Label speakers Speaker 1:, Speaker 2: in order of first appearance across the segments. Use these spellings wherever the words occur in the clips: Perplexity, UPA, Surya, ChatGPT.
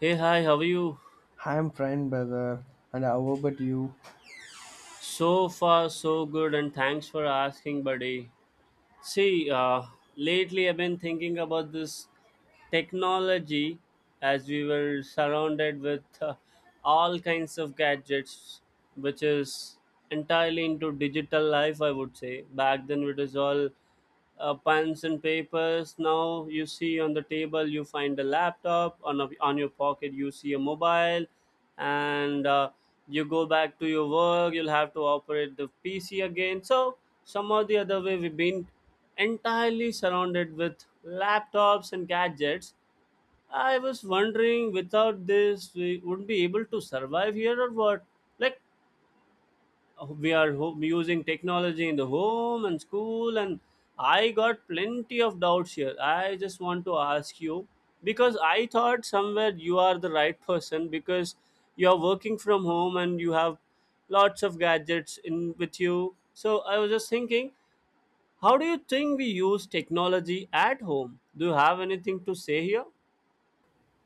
Speaker 1: Hey, hi, how are you?
Speaker 2: I'm fine, brother. And how about you?
Speaker 1: So far, so good, and thanks for asking, buddy. See, lately I've been thinking about this technology as we were surrounded with all kinds of gadgets, which is entirely into digital life, I would say. Back then, it was all pens and papers. Now you see on the table, you find a laptop. On your pocket, you see a mobile, and you go back to your work. You'll have to operate the PC again. So somehow the other way, we've been entirely surrounded with laptops and gadgets. I was wondering, without this, we wouldn't be able to survive here or what? Like we are using technology in the home and school, and I got plenty of doubts here. I just want to ask you because I thought somewhere you are the right person, because you are working from home and you have lots of gadgets in with you. So I was just thinking, how do you think we use technology at home? Do you have anything to say here?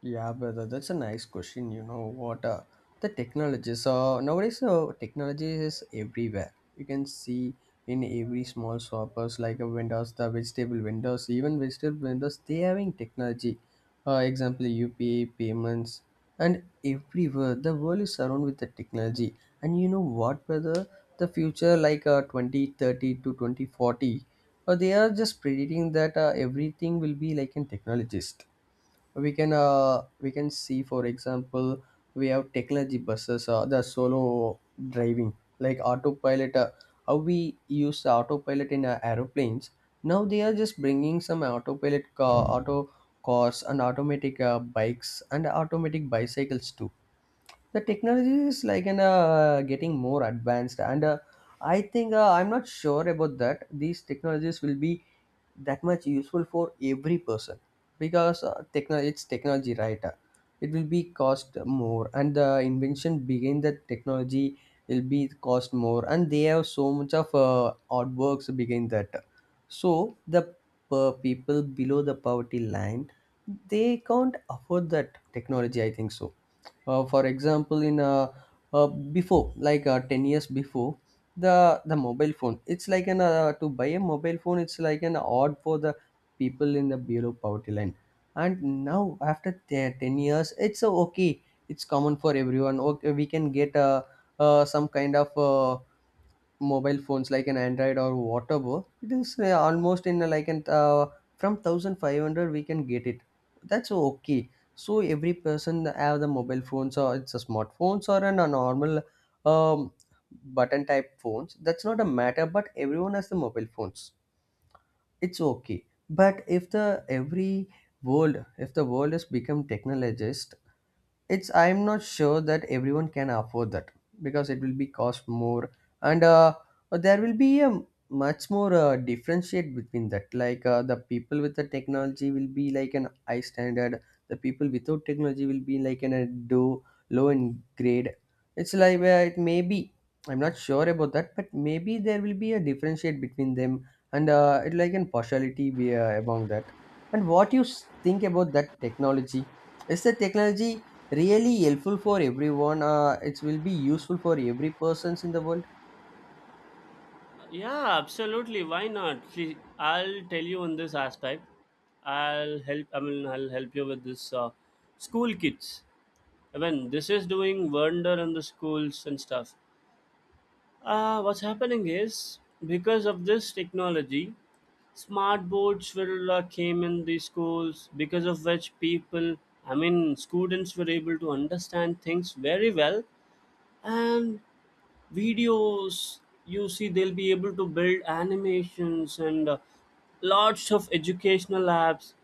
Speaker 2: Yeah, brother, that's a nice question. You know what? The technology. So nowadays, technology is everywhere. You can see in every small shoppers like a vendors, the vegetable vendors, even vegetable vendors, they having technology. Example, UPA payments, and everywhere the world is surrounded with the technology. And you know what, brother? The future, like 2030 to 2040, they are just predicting that everything will be like in technologist we can see for example we have technology buses the solo driving like autopilot how we use the autopilot in aeroplanes now they are just bringing some autopilot car auto cars and automatic bikes and automatic bicycles too. The technology is like an getting more advanced and I think I'm not sure about that these technologies will be that much useful for every person because it's technology right. It will be cost more and the invention behind the technology will be cost more and they have so much of artworks behind that. So the people below the poverty line, they can't afford that technology I think so. For example in before like 10 years before, the mobile phone it's like an to buy a mobile phone, it's like an odd for the people in the below poverty line. And now after 10 years it's okay, it's common for everyone. Okay, we can get some kind of mobile phones like an Android or Waterbo, it is almost in like an from 1,500 we can get it. That's okay. So every person have the mobile phones, or it's a smartphones or a normal um, button type phones. That's not a matter, but everyone has the mobile phones, it's okay. But if the every world, if the world has become technologist, it's, I'm not sure that everyone can afford that because it will be cost more. And there will be a much more differentiate between that, like the people with the technology will be like an high standard, the people without technology will be like in a do low in grade. It's like it may be, I'm not sure about that, but maybe there will be a differentiate between them. And it like an partiality be among that. And what you think about that technology? Is the technology really helpful for everyone? It will be useful for every persons in the world.
Speaker 1: Yeah, absolutely. Why not? See, I'll tell you on this aspect. I'll help you with this school kids. I mean, this is doing wonder in the schools and stuff. What's happening is, because of this technology, smart boards will came in the schools, because of which students were able to understand things very well, and videos, you see, they'll be able to build animations and lots of educational apps,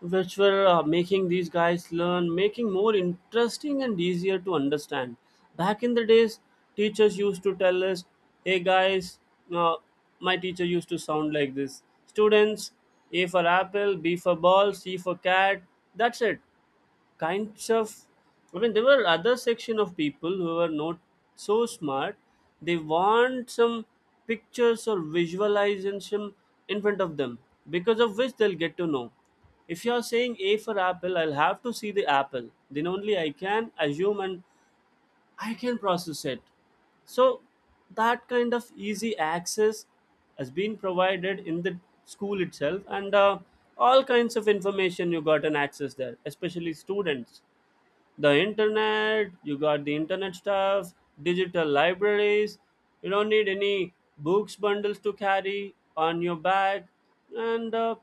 Speaker 1: which were making these guys learn, making more interesting and easier to understand. Back in the days, teachers used to tell us, hey guys, uh, my teacher used to sound like this. Students, a for apple, b for ball, c for cat, that's it. Kinds of, I mean, there were other section of people who were not so smart. They want some pictures or visualization in front of them, because of which they'll get to know. If you are saying a for apple, I'll have to see the apple, then only I can assume and I can process it. So that kind of easy access has been provided in the school itself. And all kinds of information you got an access there, especially students. The internet, you got the internet stuff, digital libraries. You don't need any books bundles to carry on your back. And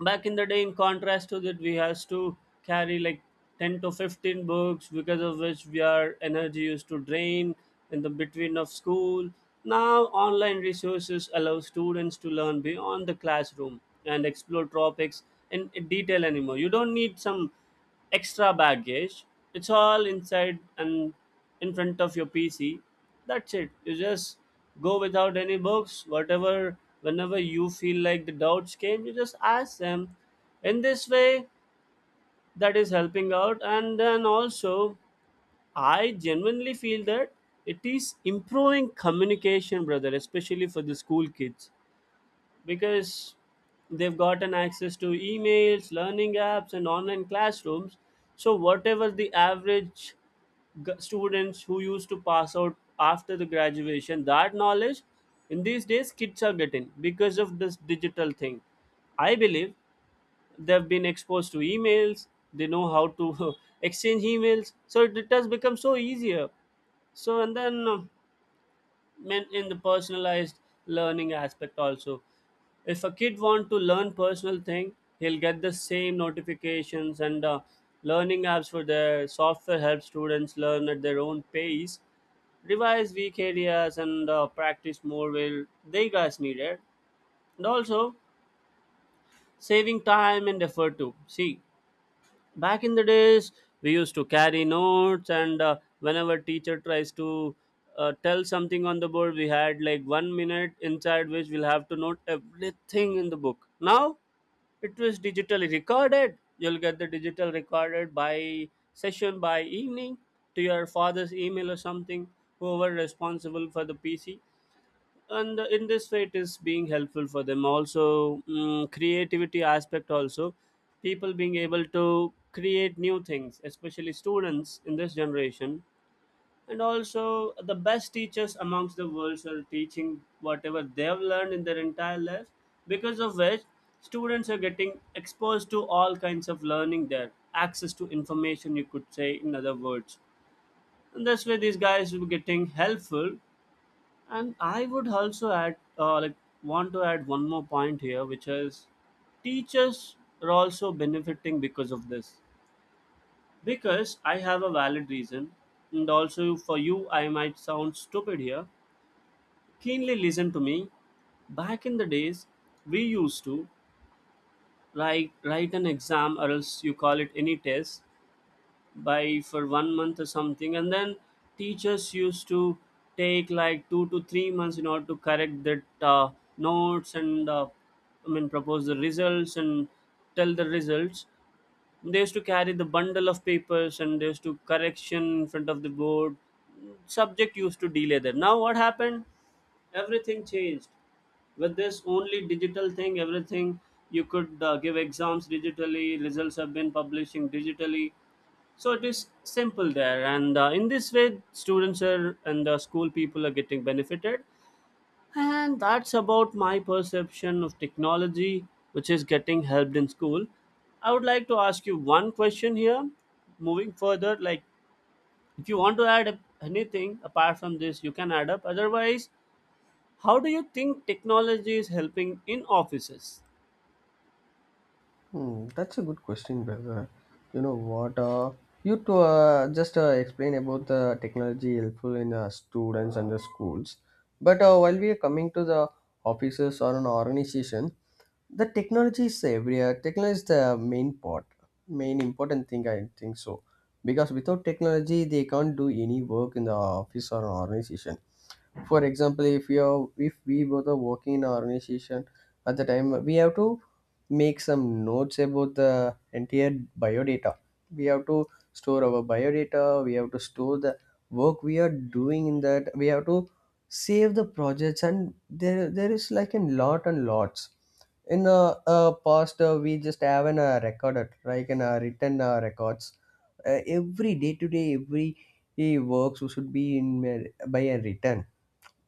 Speaker 1: back in the day, in contrast to that, we has to carry like 10 to 15 books, because of which we, our energy used to drain in the between of school. Now online resources allow students to learn beyond the classroom and explore topics in detail. Anymore, you don't need some extra baggage. It's all inside and in front of your PC. That's it. You just go without any books, whatever, whenever you feel like the doubts came, you just ask them. In this way, that is helping out. And then also, I genuinely feel that it is improving communication, brother, especially for the school kids, because they've gotten access to emails, learning apps, and online classrooms. So whatever the average students who used to pass out after the graduation, that knowledge, in these days kids are getting because of this digital thing. I believe they've been exposed to emails, they know how to exchange emails, so it has become so easier. So, and then meant in the personalized learning aspect also, if a kid want to learn personal thing, he'll get the same notifications. And learning apps for their software help students learn at their own pace, revise weak areas, and practice more where they guys needed. And also saving time and effort too. See, back in the days we used to carry notes, and whenever teacher tries to tell something on the board, we had like 1 minute inside which we'll have to note everything in the book. Now it was digitally recorded. You'll get the digital recorded by session, by evening, to your father's email or something, whoever responsible for the PC. And in this way it is being helpful for them also. Creativity aspect also, people being able to create new things, especially students in this generation. And also the best teachers amongst the world are teaching whatever they have learned in their entire life, because of which students are getting exposed to all kinds of learning. There access to information, you could say, in other words. And that's where these guys will be getting helpful. And I would also add, like, want to add one more point here, which is teachers are also benefiting because of this. Because I have a valid reason, and also for you, I might sound stupid here. Keenly listen to me. Back in the days, we used to write an exam, or else you call it any test, by for 1 month or something. And then teachers used to take like 2 to 3 months in order to correct that notes, and propose the results and tell the results. They used to carry the bundle of papers and they used to correction in front of the board. Subject used to delay that. Now what happened? Everything changed. With this only digital thing, everything, you could give exams digitally, results have been publishing digitally. So it is simple there. And in this way students are, and the school people are getting benefited. And that's about my perception of technology, which is getting helped in school. I would like to ask you one question here, moving further. Like, if you want to add up anything apart from this, you can add up. Otherwise, how do you think technology is helping in offices?
Speaker 2: Hmm, that's a good question, brother. You know what? You to just explain about the technology helpful in students and the schools. But while we are coming to the offices or an organization, the technology is everywhere. Technology is the main part, main important thing, I think so, because without technology, they can't do any work in the office or an organization. For example, if you're, if we both are working in an organization, at the time we have to make some notes about the entire biodata, we have to store our biodata, we have to store the work we are doing in that, we have to save the projects, and there is like a lot and lots. In a past, we just have an recorded like in a written records. Every day to day every works should be in by a written,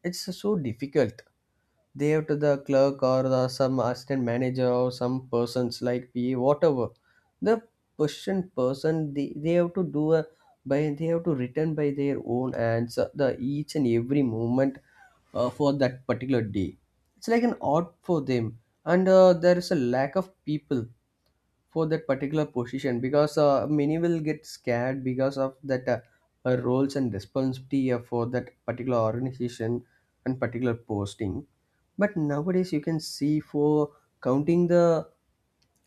Speaker 2: it's so difficult. They have to the clerk or some assistant manager or some persons like PA, whatever. The person they have to do a by, they have to return by their own hands the each and every moment for that particular day. It's like an art for them, and there is a lack of people for that particular position because many will get scared because of that roles and responsibility for that particular organization and particular posting. But nowadays you can see, for counting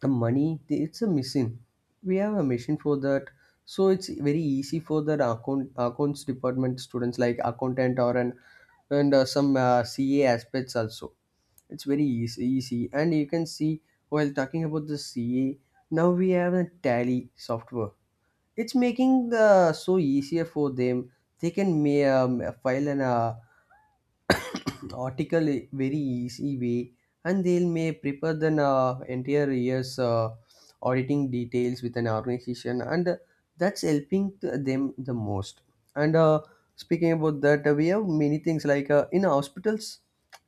Speaker 2: the money, it's a machine, we have a machine for that. So it's very easy for the accounts department students like accountant or an, and some CA aspects also, it's very easy. And you can see, while talking about the CA, now we have a tally software. It's making the so easier for them. They can file an article very easy way, and they may prepare the entire year's auditing details with an organization, and that's helping to them the most. And speaking about that, we have many things like in hospitals,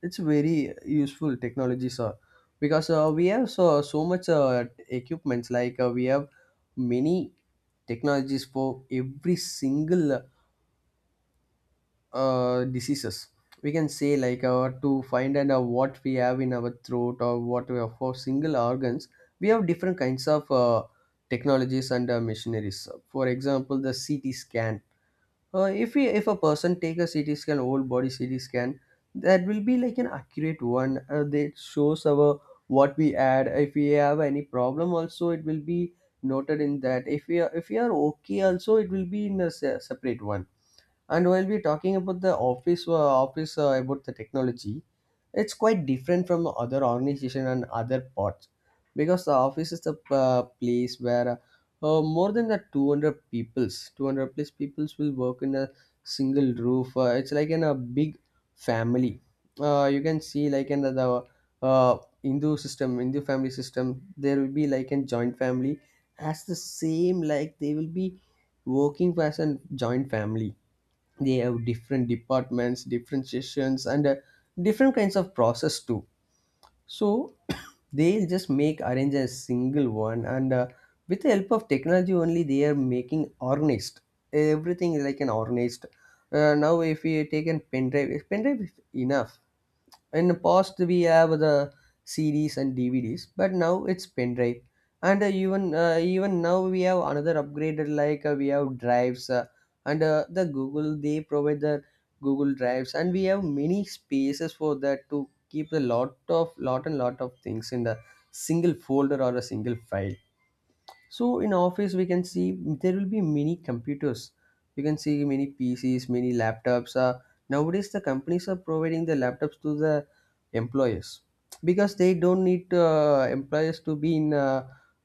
Speaker 2: it's very useful technologies, because we have so, so much equipments, like we have many technologies for every single diseases. We can say like to find and what we have in our throat or what we have for single organs. We have different kinds of technologies and machineries. For example, the CT scan. If we, if a person take a CT scan, whole body CT scan, that will be like an accurate one. That shows our what we add. If we have any problem, also it will be noted in that. If we are, if we are okay, also it will be in a separate one. And while we're talking about the office, about the technology, it's quite different from other organization and other parts, because the office is the place where more than the 200 peoples, 200 plus peoples will work in a single roof. It's like in a big family. You can see like in the uh, Hindu system, Hindu family system, there will be like a joint family, as the same like they will be working as a joint family. They have different departments, different sessions, and different kinds of process too. So they'll just make arrange a single one, and with the help of technology only, they are making organized. Everything is like an organized. Now, if we take an pen drive, if pen drive is enough. In the past, we have the CDs and DVDs, but now it's pen drive. And even now we have another upgraded, like we have drives, and the Google, they provide the Google drives, and we have many spaces for that to keep a lot of lot and lot of things in a single folder or a single file. So in office we can see there will be many computers, you can see many PCs, many laptops. Nowadays the companies are providing the laptops to the employers because they don't need employers to be in a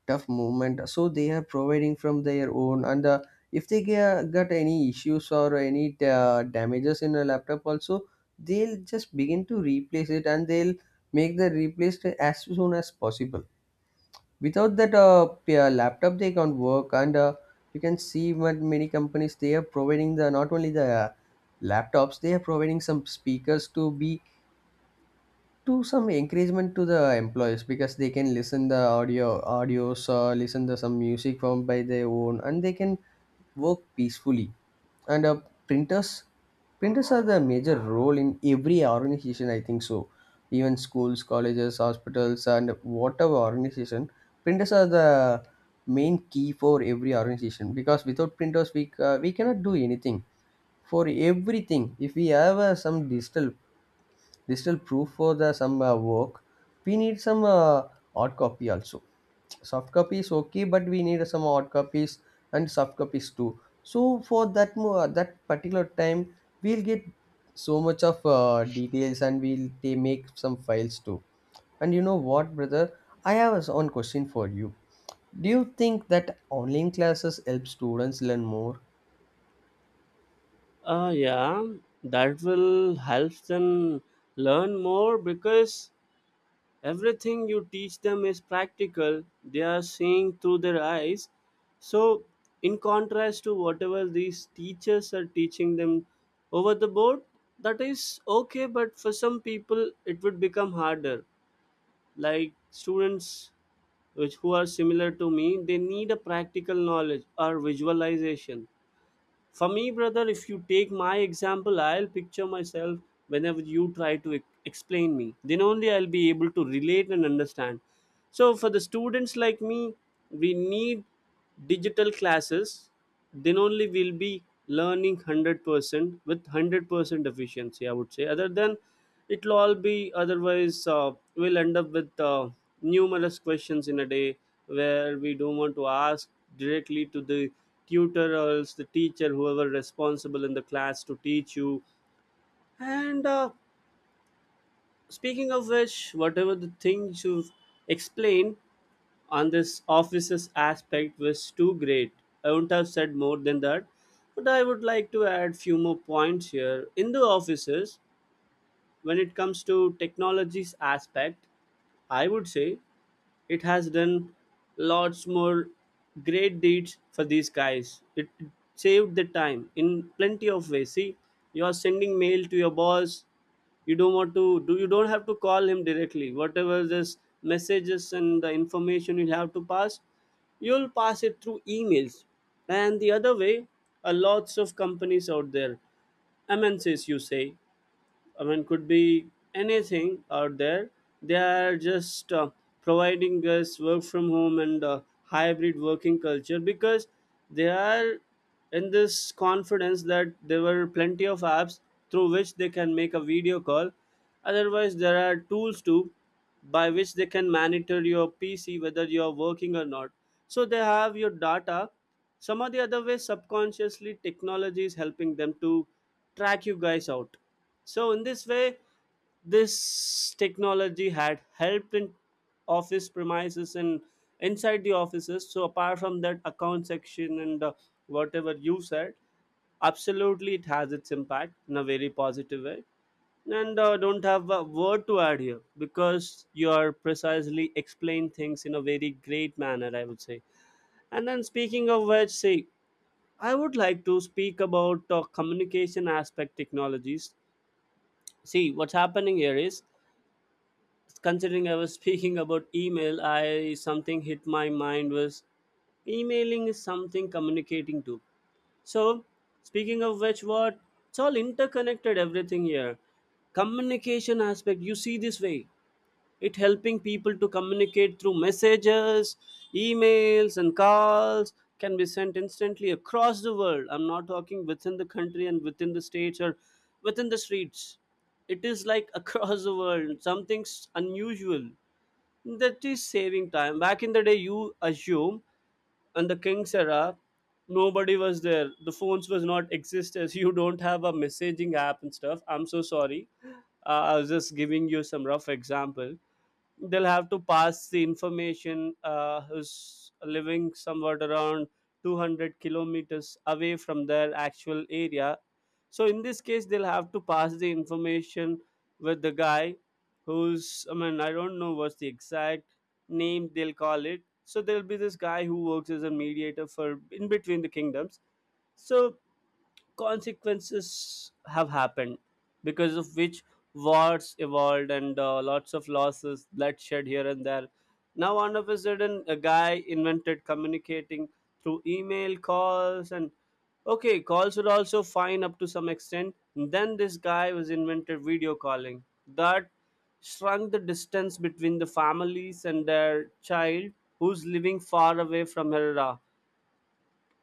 Speaker 2: tough movement, so they are providing from their own. And if they got any issues or any damages in a laptop also, they'll just begin to replace it, and they'll make the replaced as soon as possible. Without that laptop they can't work. And you can see what many companies, they are providing the not only the laptops, they are providing some speakers to be to some encouragement to the employees, because they can listen the audios or listen to some music from by their own, and they can work peacefully. And printers, printers are the major role in every organization, I think so. Even schools, colleges, hospitals, and whatever organization, printers are the main key for every organization, because without printers we cannot do anything. For everything, if we have some digital, digital proof for the some work, we need some hard copy also, soft copies, okay, but we need some hard copies and soft copies too. So for that that particular time, we'll get so much of details, and we'll, they make some files too. And you know what, brother, I have a one question for you. Do you think that online classes help students learn more?
Speaker 1: Uh, yeah, that will help them learn more, because everything you teach them is practical, they are seeing through their eyes. So, in contrast to whatever these teachers are teaching them over the board, that is okay, but for some people, it would become harder. Like students which, who are similar to me, they need a practical knowledge or visualization. For me, brother, if you take my example, I'll picture myself whenever you try to explain me. Then only I'll be able to relate and understand. So, for the students like me, we need digital classes. Then only we'll be learning 100% with 100% efficiency, I would say. Other than it'll all be otherwise, we'll end up with numerous questions in a day, where we don't want to ask directly to the tutor, or else the teacher, whoever responsible in the class to teach you. And speaking of which, whatever the things you've explained on this offices aspect was too great. I wouldn't have said more than that, but I would like to add few more points here. In the offices, when it comes to technologies aspect, I would say it has done lots more great deeds for these guys. It saved the time in plenty of ways. See, you are sending mail to your boss, you don't want to do you don't have to call him directly. Whatever this messages and the information you have to pass, you'll pass it through emails. And the other way, are lots of companies out there, MNCs, you say. I mean, could be anything out there. They are just providing us work from home and hybrid working culture, because they are in this confidence that there were plenty of apps through which they can make a video call. Otherwise, there are tools too by which they can monitor your PC whether you are working or not. So they have your data. Some of the other ways, subconsciously, technology is helping them to track you guys out. So in this way, this technology had helped in office premises and inside the offices. So apart from that account section and whatever you said, absolutely it has its impact in a very positive way. And don't have a word to add here, because you are precisely explain things in a very great manner, I would say. And then speaking of which, see, I would like to speak about communication aspect technologies. See, what's happening here is, considering I was speaking about email, I, something hit my mind was emailing is something communicating to. So speaking of which, what, it's all interconnected, everything here. Communication aspect, you see, this way, it helping people to communicate through messages, emails, and calls can be sent instantly across the world. I'm not talking within the country and within the states, or within the streets. It is like across the world, something's unusual. That is saving time. Back in the day, you assume and the king's era, nobody was there. The phones was not exist as you don't have a messaging app and stuff. I'm so sorry, I was just giving you some rough example. They'll have to pass the information, who's living somewhat around 200 kilometers away from their actual area. So in this case they'll have to pass the information with the guy who's, I mean, I don't know what's the exact name they'll call it. So there'll be this guy who works as a mediator for in between the kingdoms. So consequences have happened, because of which wars evolved and lots of losses, bloodshed here and there. Now all of a sudden a guy invented communicating through email, calls, and okay, calls were also fine up to some extent. Then this guy was invented video calling, that shrunk the distance between the families and their child who's living far away from her,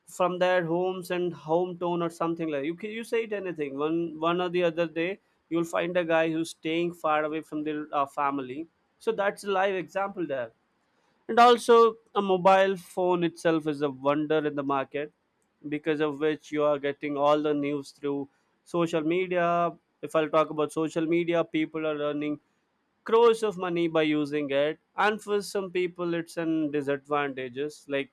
Speaker 1: from their homes and hometown, or something like you can you say it anything. One one or the other day you'll find a guy who's staying far away from their family. So that's a live example there. And also a mobile phone itself is a wonder in the market, because of which you are getting all the news through social media. If I'll talk about social media, people are earning crores of money by using it, and for some people it's an disadvantages, like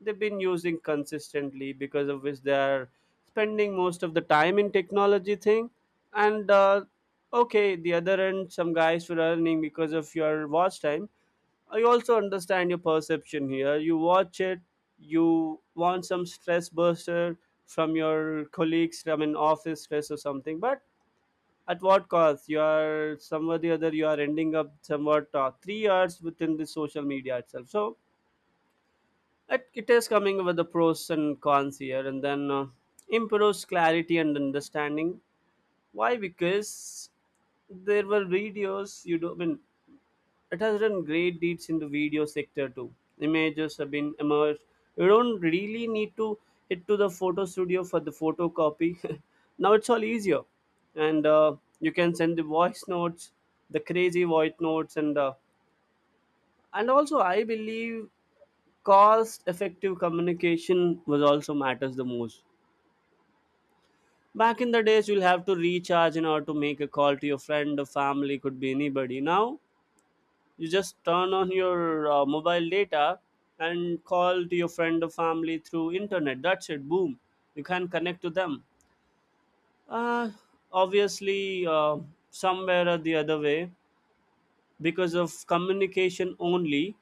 Speaker 1: they've been using consistently, because of which they're spending most of the time in technology thing. And Okay, the other end some guys were earning because of your watch time. I also understand your perception here. You watch it, you want some stress buster from your colleagues, from an office stress or something. But at what cost? You are somewhere the other, you are ending up somewhat 3 hours within the social media itself. So it is coming with the pros and cons here. And then improves clarity and understanding. Why? Because there were videos, you do, I mean it has done great deeds in the video sector too. Images have been emerged. You don't really need to hit to the photo studio for the photocopy. Now it's all easier. And you can send the voice notes, the crazy voice notes. And also I believe cost effective communication was also matters the most. Back in the days you'll have to recharge in order to make a call to your friend or family, could be anybody. Now you just turn on your mobile data and call to your friend or family through internet. That's it, boom, you can connect to them. uh, Obviously, somewhere or the other way, because of communication only,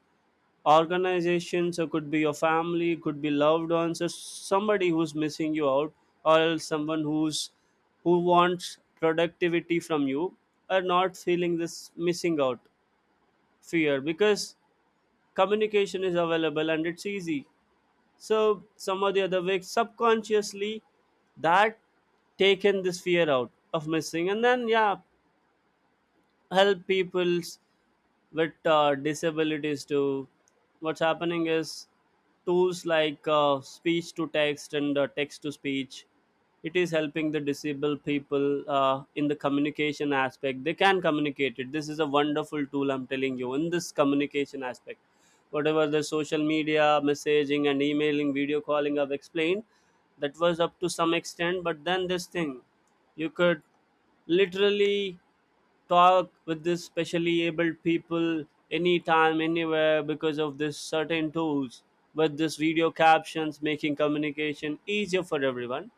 Speaker 1: organizations, so could be your family, could be loved ones, or somebody who's missing you out, or else someone who's, who wants productivity from you, are not feeling this missing out fear, because communication is available and it's easy. So some or the other way, subconsciously, that taken this fear out of missing. And then yeah, help people's with disabilities too. What's happening is tools like speech to text and text to speech. It is helping the disabled people in the communication aspect. They can communicate it. This is a wonderful tool, I'm telling you, in this communication aspect. Whatever the social media, messaging, and emailing, video calling I've explained, that was up to some extent. But then this thing, you could literally talk with this specially abled people anytime anywhere because of this certain tools, with this video captions making communication easier for everyone.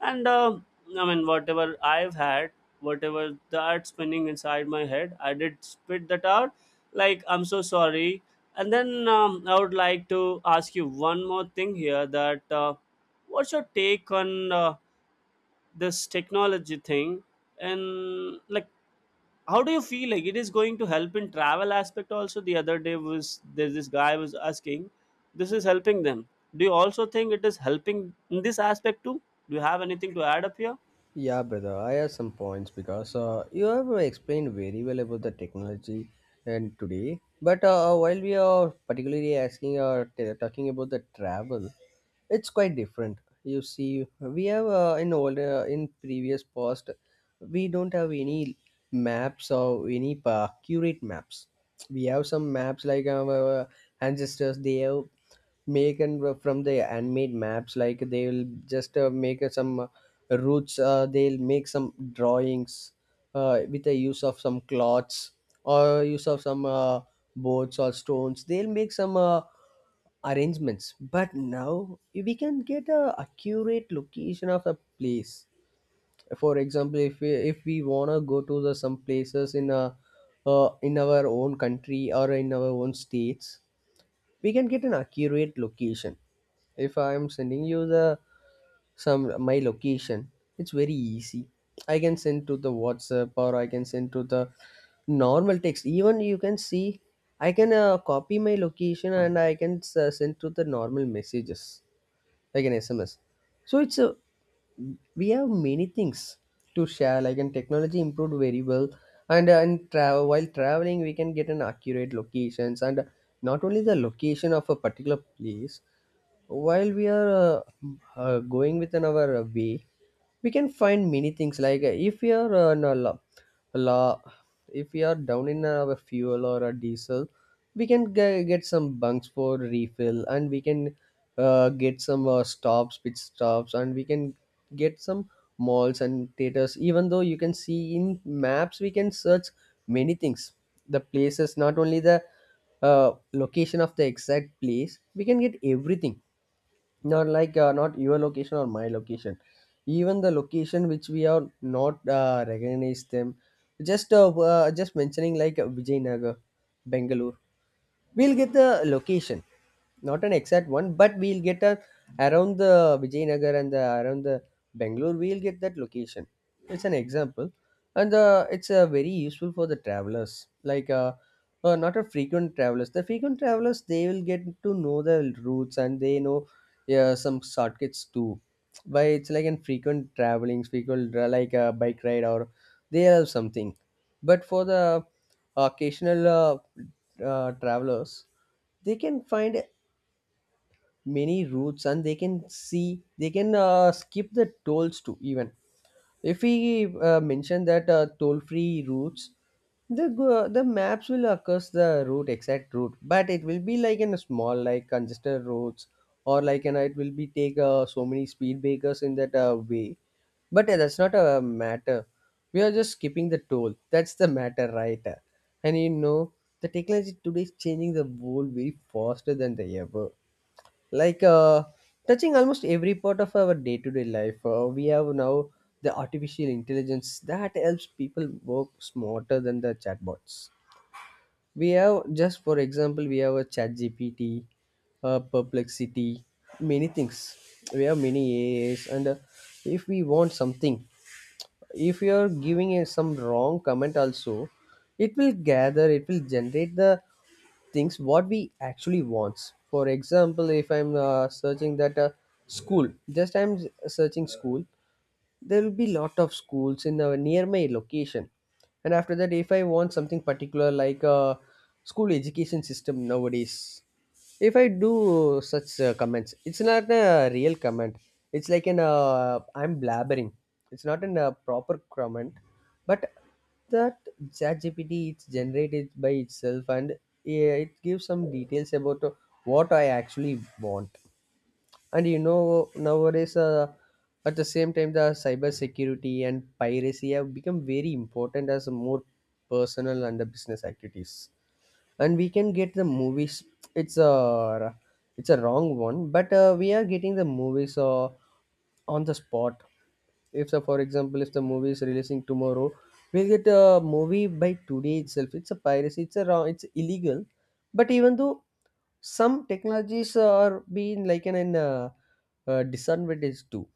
Speaker 1: And I mean whatever I've had, whatever that spinning inside my head, I did spit that out. Like I'm so sorry. And then I would like to ask you one more thing here, that what's your take on this technology thing? And like, how do you feel like it is going to help in travel aspect also? The other day was there's this guy was asking, this is helping them. Do you also think it is helping in this aspect too? Do you have anything to add up here?
Speaker 2: Yeah, brother, I have some points because you have explained very well about the technology and today. But while we are particularly asking or talking about the travel, it's quite different. You see, we have, in older, in previous past we don't have any maps or any curate maps. We have some maps like our ancestors they have make, and from the handmade maps, like they will just make some, routes, they'll make some drawings with the use of some cloths or use of some boards or stones. They'll make some arrangements, but now we can get a accurate location of a place. For example, if we want to go to the some places in a in our own country or in our own states, we can get an accurate location. If I'm sending you the some my location, it's very easy. I can send to the WhatsApp, or I can send to the normal text. Even you can see, I can copy my location, and I can send to the normal messages like an SMS. So it's a, we have many things to share, like, and technology improved very well. And and travel, while traveling, we can get an accurate locations, and not only the location of a particular place. While we are going within our way, we can find many things like, if we are on a la, la if we are down in a fuel or a diesel, we can get some bunks for refill, and we can get some stops, pit stops, and we can get some malls and theaters. Even though, you can see in maps we can search many things, the places, not only the location of the exact place. We can get everything, not like not your location or my location, even the location which we are not recognize them, just mentioning like Vijaynagar, Bengaluru. We'll get the location, not an exact one, but we'll get a around the Vijaynagar and the, around the Bangalore. We'll get that location. It's an example, and it's very useful for the travelers. Like not a frequent travelers. The frequent travelers, they will get to know the routes, and they know, yeah, some shortcuts too. By it's like in frequent traveling, frequent, like a bike ride, or they have something. But for the occasional travelers, they can find many routes, and they can see, they can skip the tolls too. Even if we mention that toll free routes, the maps will occurs the route, exact route, but it will be like in a small, like congested roads, or like, you know, it will be take so many speed breakers in that way. But that's not a matter. We are just skipping the toll, that's the matter, right? And you know, the technology today is changing the world very faster than they ever, like touching almost every part of our day-to-day life. We have now the artificial intelligence that helps people work smarter than the chatbots. We have, just for example, we have a chat gpt Perplexity, many things. We have many aas, and if we want something, if you're giving a, some wrong comment also, it will gather, it will generate the things what we actually wants. For example, if I'm searching that school, just I'm searching school, there will be lot of schools in the near my location. And after that, if I want something particular like a school education system nowadays, if I do such comments, it's not a real comment, it's like an I'm blabbering. It's not in a proper comment, but that ChatGPT, it's generated by itself, and yeah, it gives some details about what I actually want. And you know, nowadays, at the same time, the cyber security and piracy have become very important, as more personal and the business activities. And we can get the movies. It's a it's a wrong one, but we are getting the movies on the spot. If so, for example, if the movie is releasing tomorrow, we'll get a movie by today itself. It's a piracy, it's a wrong, it's illegal. But even though, some technologies are being like an disadvantage too.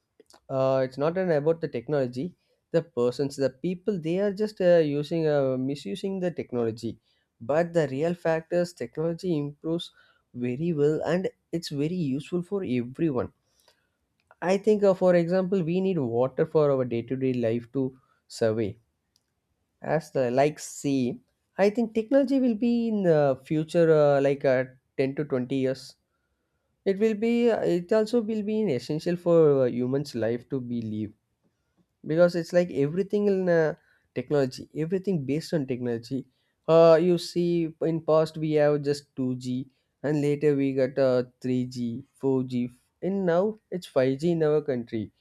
Speaker 2: It's not an about the technology. The people, they are just using, misusing the technology. But the real fact is technology improves very well, and it's very useful for everyone. I think, for example, we need water for our day-to-day life to survey. As the, like, see, I think technology will be in the future like 10 to 20 years, it will be, it also will be an essential for humans life to be live. Because it's like everything in technology, everything based on technology. You see, in past we have just 2G, and later we got 3G, 4G, and now it's 5G in our country.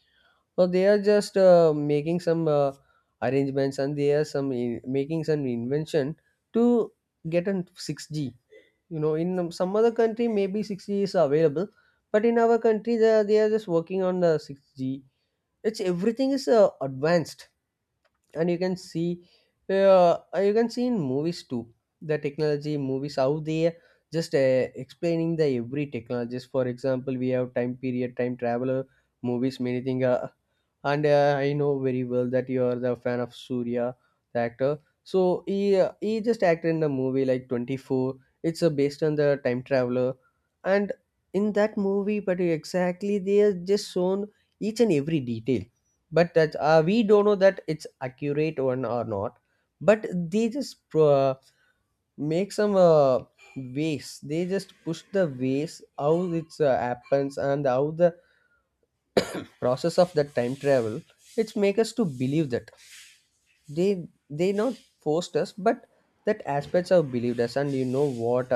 Speaker 2: So they are just making some arrangements, and they are some making some invention to get on 6G. You know, in some other country maybe 6G is available, but in our country they are just working on the 6G. It's everything is advanced. And you can see, you can see in movies too, the technology movies out there just explaining the every technologies. For example, we have time period, time traveler movies, many thing. And I know very well that you are the fan of Surya, the actor. So he, he just acted in the movie like 24. It's based on the time traveler. And in that movie, but exactly they are just shown each and every detail, but that we don't know that it's accurate one or not. But they just make some ways, they just push the ways how it happens, and how the process of the time travel. It's make us to believe that they not forced us, but that aspects have believed us. And you know what,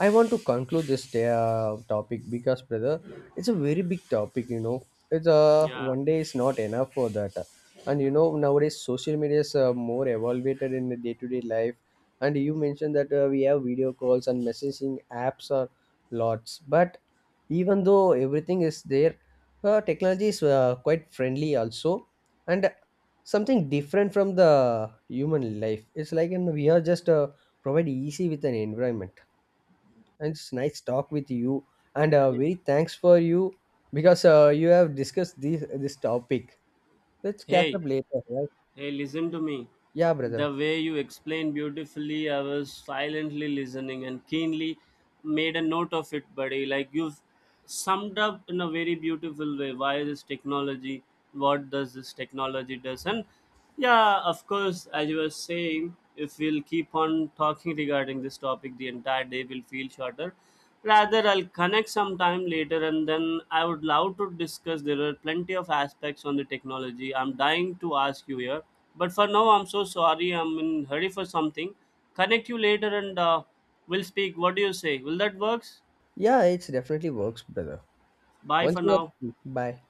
Speaker 2: I want to conclude this topic, because brother, it's a very big topic, you know. It's a
Speaker 1: Yeah.
Speaker 2: one day is not enough for that. And you know, nowadays social media is more evaluated in the day-to-day life. And you mentioned that we have video calls and messaging apps are lots, but even though everything is there, technology is quite friendly also, and something different from the human life. It's like, and we are just provide easy with an environment. And it's nice talk with you. And very thanks for you, because you have discussed this topic. Let's catch
Speaker 1: Hey,
Speaker 2: up later, right?
Speaker 1: hey, listen to me.
Speaker 2: Yeah, brother.
Speaker 1: The way you explained beautifully, I was silently listening and keenly made a note of it, buddy. Like you've summed up in a very beautiful way why this technology, what does this technology does, and yeah, of course, as you were saying, if we'll keep on talking regarding this topic, the entire day will feel shorter. Rather, I'll connect sometime later and then I would love to discuss. There are plenty of aspects on the technology. I'm dying to ask you here. But for now, I'm so sorry. I'm in hurry for something. Connect you later and we'll speak. What do you say? Will that works?
Speaker 2: Yeah, it's definitely works, brother.
Speaker 1: Bye
Speaker 2: Once
Speaker 1: for
Speaker 2: you are
Speaker 1: now.
Speaker 2: free, bye.